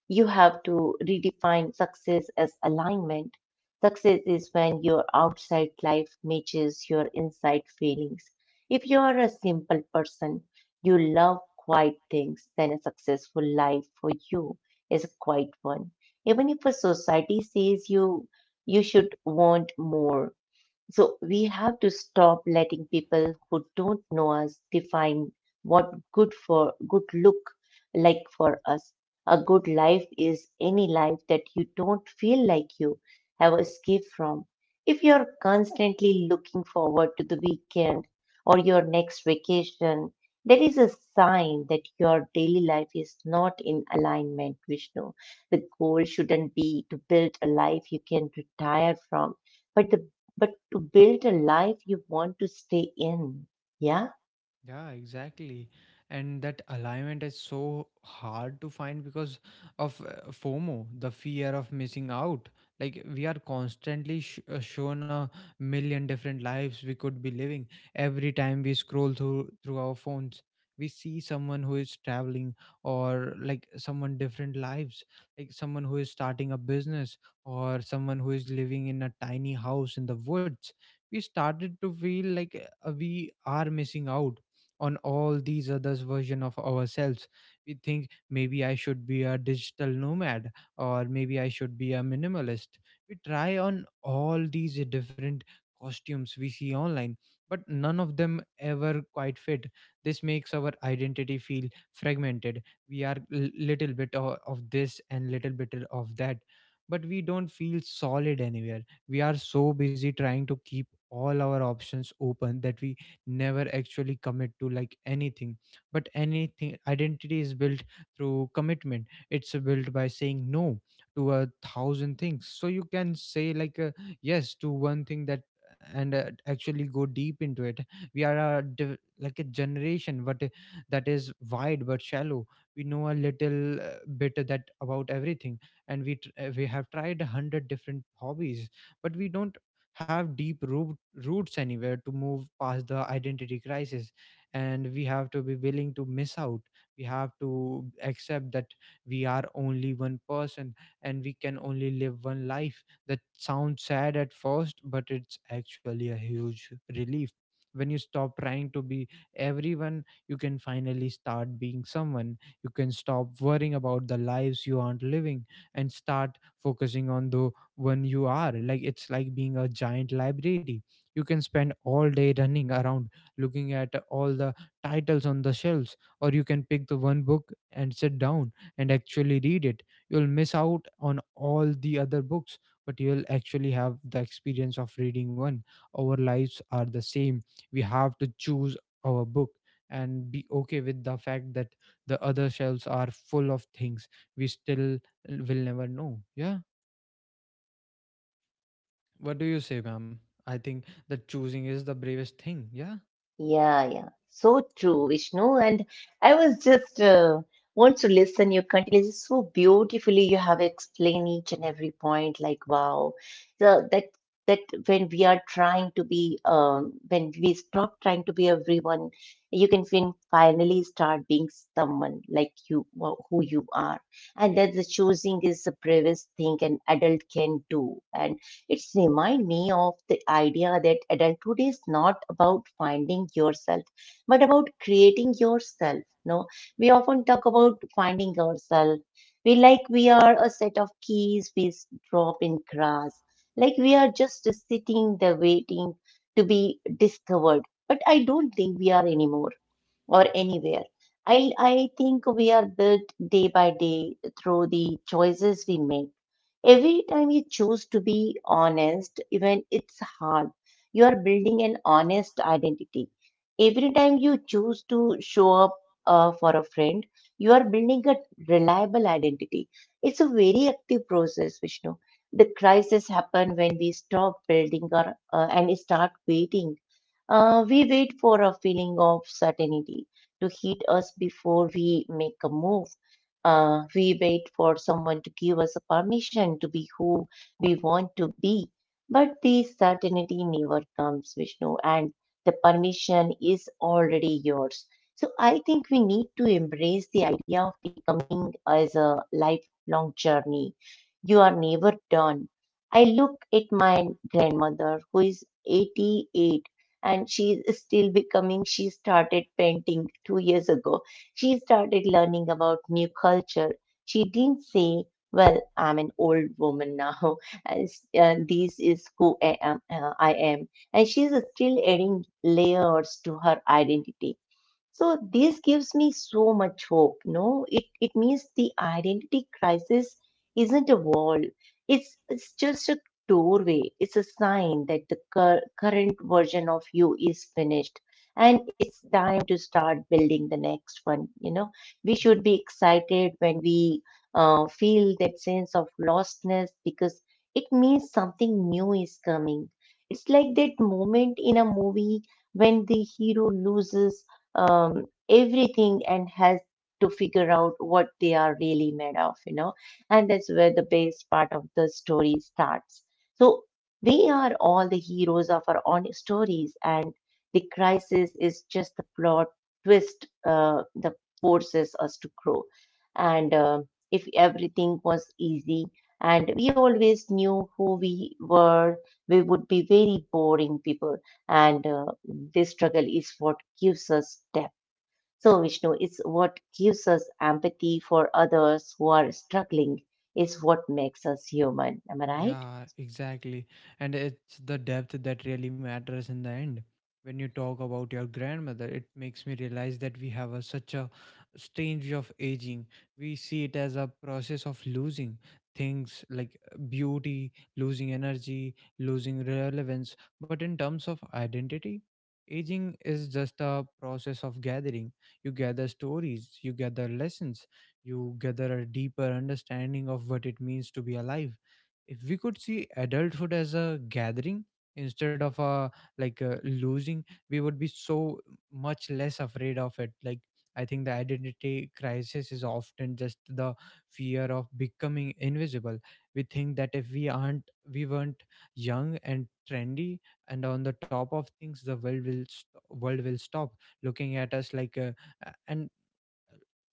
S2: You have to redefine success as alignment. Success is when your outside life matches your inside feelings. If you are a simple person, you love quiet things, then a successful life for you is a quiet one. Even if a society says you should want more, so we have to stop letting people who don't know us define what good for good look like for us. A good life is any life that you don't feel like you have escaped from. If you're constantly looking forward to the weekend or your next vacation, that is a sign that your daily life is not in alignment, Vishnu. The goal shouldn't be to build a life you can retire from, but the but build a life you want to stay in. Yeah,
S1: Yeah, exactly. And that alignment is so hard to find because of FOMO, the fear of missing out. Like, we are constantly shown a million different lives we could be living. Every time we scroll through our phones, we see someone who is traveling, or like someone different lives, like someone who is starting a business, or someone who is living in a tiny house in the woods. We started to feel like, we are missing out on all these others version of ourselves. We think maybe I should be a digital nomad, or maybe I should be a minimalist. We try on all these different costumes we see online, but none of them ever quite fit. This makes our identity feel fragmented. We are, little bit of this and little bit of that, but we don't feel solid anywhere. We are so busy trying to keep all our options open that we never actually commit to, like, anything. But anything identity is built through commitment. It's built by saying no to a thousand things so you can say, like, yes to one thing that, and actually go deep into it. We are a like a generation but, that is wide but shallow. We know a little bit that about everything, and we have tried a hundred different hobbies, but we don't have deep roots anywhere. To move past the identity crisis, and we have to be willing to miss out. We have to accept that we are only one person and we can only live one life. That sounds sad at first, but it's actually a huge relief. When you stop trying to be everyone, you can finally start being someone. You can stop worrying about the lives you aren't living and start focusing on the when you are, like it's like being a giant library. You can spend all day running around looking at all the titles on the shelves, or you can pick the one book and sit down and actually read it. You'll miss out on all the other books, but you'll actually have the experience of reading one. Our lives are the same. We have to choose our book and be okay with the fact that the other shelves are full of things we still will never know. Yeah, what do you say, ma'am? I think that choosing is the bravest thing. Yeah.
S2: yeah, yeah. So true, Vishnu. And I was just want to listen your continues so beautifully. You have explained each and every point. Like, wow, so that when we are trying to be, when we stop trying to be everyone, you can finally start being someone like you, who you are. And that the choosing is the bravest thing an adult can do. And it's remind me of the idea that adulthood is not about finding yourself, but about creating yourself. No, we often talk about finding ourselves. We like we are a set of keys we drop in grass, like we are just sitting there waiting to be discovered. But I don't think we are anymore or anywhere. I think we are built day by day through the choices we make. Every time you choose to be honest, even it's hard, you are building an honest identity. Every time you choose to show up for a friend, you are building a reliable identity. It's a very active process, Vishnu. The crisis happen when we stop building our, and start waiting. We wait for a feeling of certainty to hit us before we make a move. We wait for someone to give us a permission to be who we want to be. But the certainty never comes, Vishnu, and the permission is already yours. So I think we need to embrace the idea of becoming as a lifelong journey. You are never done. I look at my grandmother who is 88 and she's still becoming. She started painting 2 years ago. She started learning about new culture. She didn't say, well, I'm an old woman now and, and this is who I am. And she's still adding layers to her identity, so this gives me so much hope. No, it means the identity crisis isn't a wall. It's just a doorway. It's a sign that the current version of you is finished, and it's time to start building the next one. You know, we should be excited when we feel that sense of lostness because it means something new is coming. It's like that moment in a movie when the hero loses everything and has to figure out what they are really made of, you know. And that's where the best part of the story starts. So we are all the heroes of our own stories, and the crisis is just the plot twist that forces us to grow. And if everything was easy and we always knew who we were, we would be very boring people, and this struggle is what gives us depth. So, Vishnu, it's what gives us empathy for others who are struggling, is what makes us human. Am I right?
S1: Yeah, exactly. And it's the depth that really matters in the end. When you talk about your grandmother, it makes me realize that we have such a strange way of aging. We see it as a process of losing things, like, beauty, losing energy, losing relevance. But in terms of identity, aging is just a process of gathering. You gather stories, you gather lessons, you gather a deeper understanding of what it means to be alive. If we could see adulthood as a gathering instead of a like a losing, we would be so much less afraid of it. Like, I think the identity crisis is often just the fear of becoming invisible. We think that if we weren't young and trendy and on the top of things, the world will stop looking at us, like and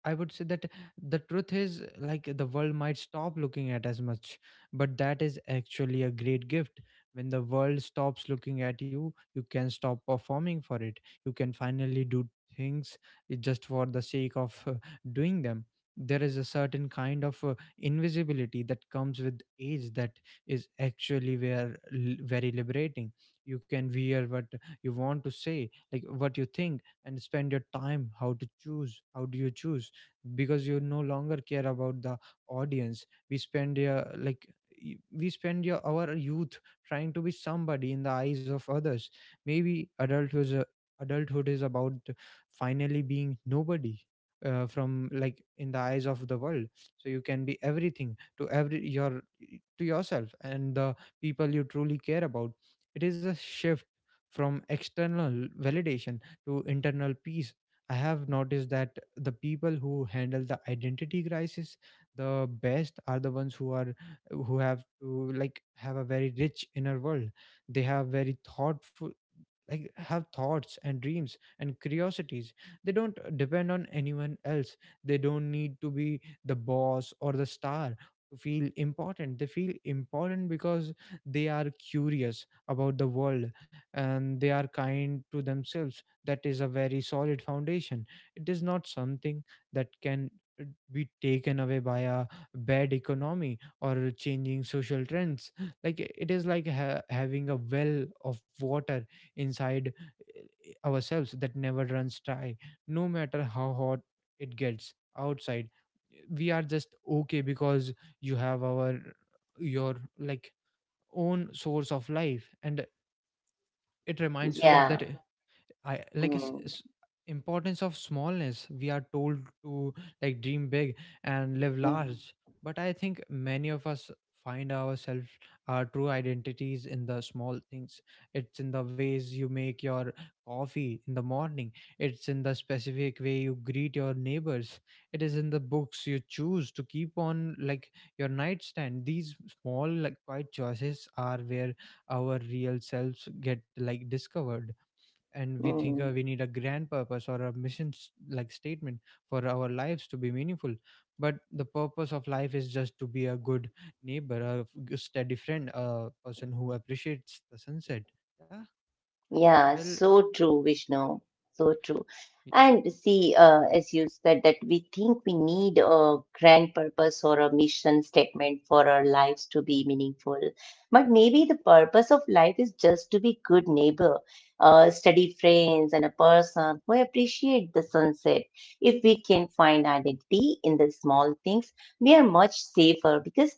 S1: I would say that the truth is, like, the world might stop looking at as much, but that is actually a great gift. When the world stops looking at you, you can stop performing for it. You can finally do things, just for the sake of doing them. There is a certain kind of invisibility that comes with age that is actually very liberating. You can wear what you want to say, like what you think, and spend your time how to choose. How do you choose? Because you no longer care about the audience. We spend your, like, we spend our youth trying to be somebody in the eyes of others. Maybe adulthood is, adulthood is about finally being nobody, from, like, in the eyes of the world, so you can be everything to every your to yourself and the people you truly care about. It is a shift from external validation to internal peace. I have noticed that the people who handle the identity crisis the best are the ones who have to, like, have a very rich inner world. They have very thoughtful, like have thoughts and dreams and curiosities. They don't depend on anyone else. They don't need to be the boss or the star to feel important. They feel important because they are curious about the world, and they are kind to themselves. That is a very solid foundation. It is not something that can, uh, be taken away by a bad economy or changing social trends. Like, it is like having a well of water inside, ourselves, that never runs dry. No matter how hot it gets outside, we are just okay because you have our your, like, own source of life, and it reminds you
S2: Yeah.
S1: that I like
S2: Mm,
S1: importance of smallness. We are told to, like, dream big and live
S2: mm,
S1: large, but I think many of us find ourselves our true identities in the small things. It's in the ways you make your coffee in the morning. It's in the specific way you greet your neighbors. It is in the books you choose to keep on, like, your nightstand. These small, like quiet choices are where our real selves get, like, discovered. And we think,
S2: mm.
S1: we need a grand purpose or a mission like statement for our lives to be meaningful. But the purpose of life is just to be a good neighbor, a steady friend, a person who appreciates the sunset. Yeah.
S2: Yeah,
S1: Well,
S2: so true, Vishnu. So true.
S1: y-
S2: And see, as you said, that we think we need a grand purpose or a mission statement for our lives to be meaningful. But maybe the purpose of life is just to be good neighbor, steady friends, and a person who appreciate the sunset. If we can find identity in the small things, we are much safer because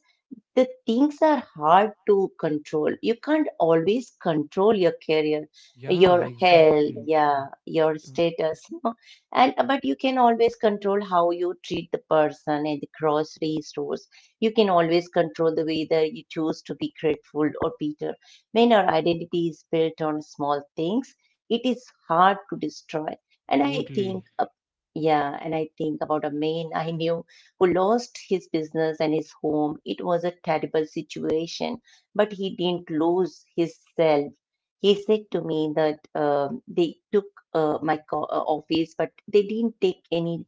S2: the things are hard to control. You can't always control your career,
S1: yeah,
S2: your health,
S1: exactly.
S2: yeah, your
S1: W-
S2: status, no? And but you can always control how you treat the person at the grocery stores. You can always control the way that you choose to be grateful or bitter. When our identity is built on small things, it is hard to destroy. And I
S1: Totally.
S2: think, uh, yeah, and I think about a man I knew who lost his business and his home. It was a terrible situation, but he didn't lose himself. He said to me that they took office, but they didn't take any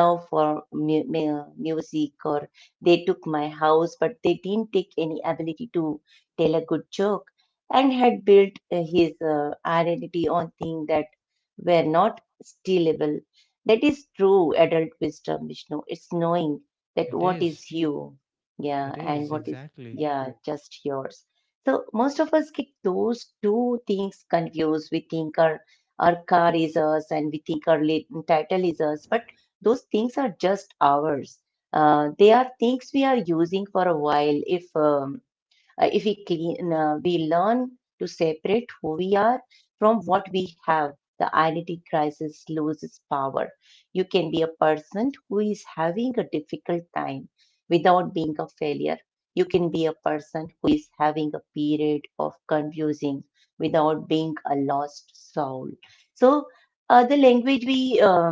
S2: love for music, or they took my house, but they didn't take any ability to tell a good joke. And had built his identity on things that were not stealable. That is true adult wisdom, Vishnu. It's knowing that
S1: it
S2: what
S1: is
S2: is you, yeah,
S1: it
S2: and
S1: is
S2: what is,
S1: exactly.
S2: yeah, just yours. So most of us get those two things confused. We think our car is us, and we think our title is us, but those things are just ours. They are things we are using for a while. If we clean, we learn to separate who we are from what we have. The identity crisis loses power. You can be a person who is having a difficult time without being a failure. You can be a person who is having a period of confusing without being a lost soul. So, the language we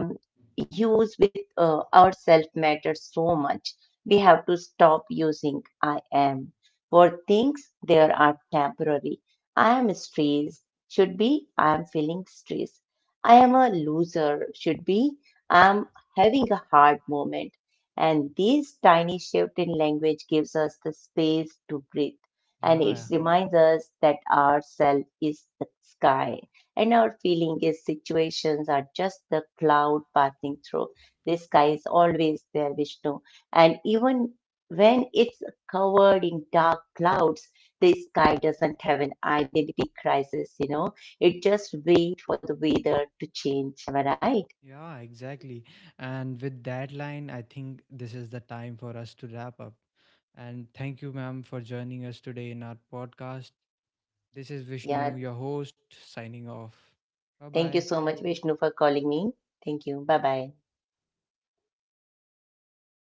S2: use with ourselves matters so much. We have to stop using I am for things there are temporary. I am stressed should be I am feeling stressed. I am a loser should be I am having a hard moment. And this tiny shift in language gives us the space to breathe, and it
S1: Yeah,
S2: reminds us that our self is the sky and our feeling is situations are just the cloud passing through. The sky is always there, Vishnu. And even when it's covered in dark clouds, the sky doesn't have an identity crisis, you know. It just waits for the weather to change. Am I right?
S1: yeah, exactly. And with that line, I think this is the time for us to wrap up, and thank you, ma'am, for joining us today in our podcast. This is Vishnu,
S2: Yeah.
S1: your host, signing off. Bye
S2: Thank you so
S1: bye.
S2: much, Vishnu, for calling me. Thank you. Bye bye.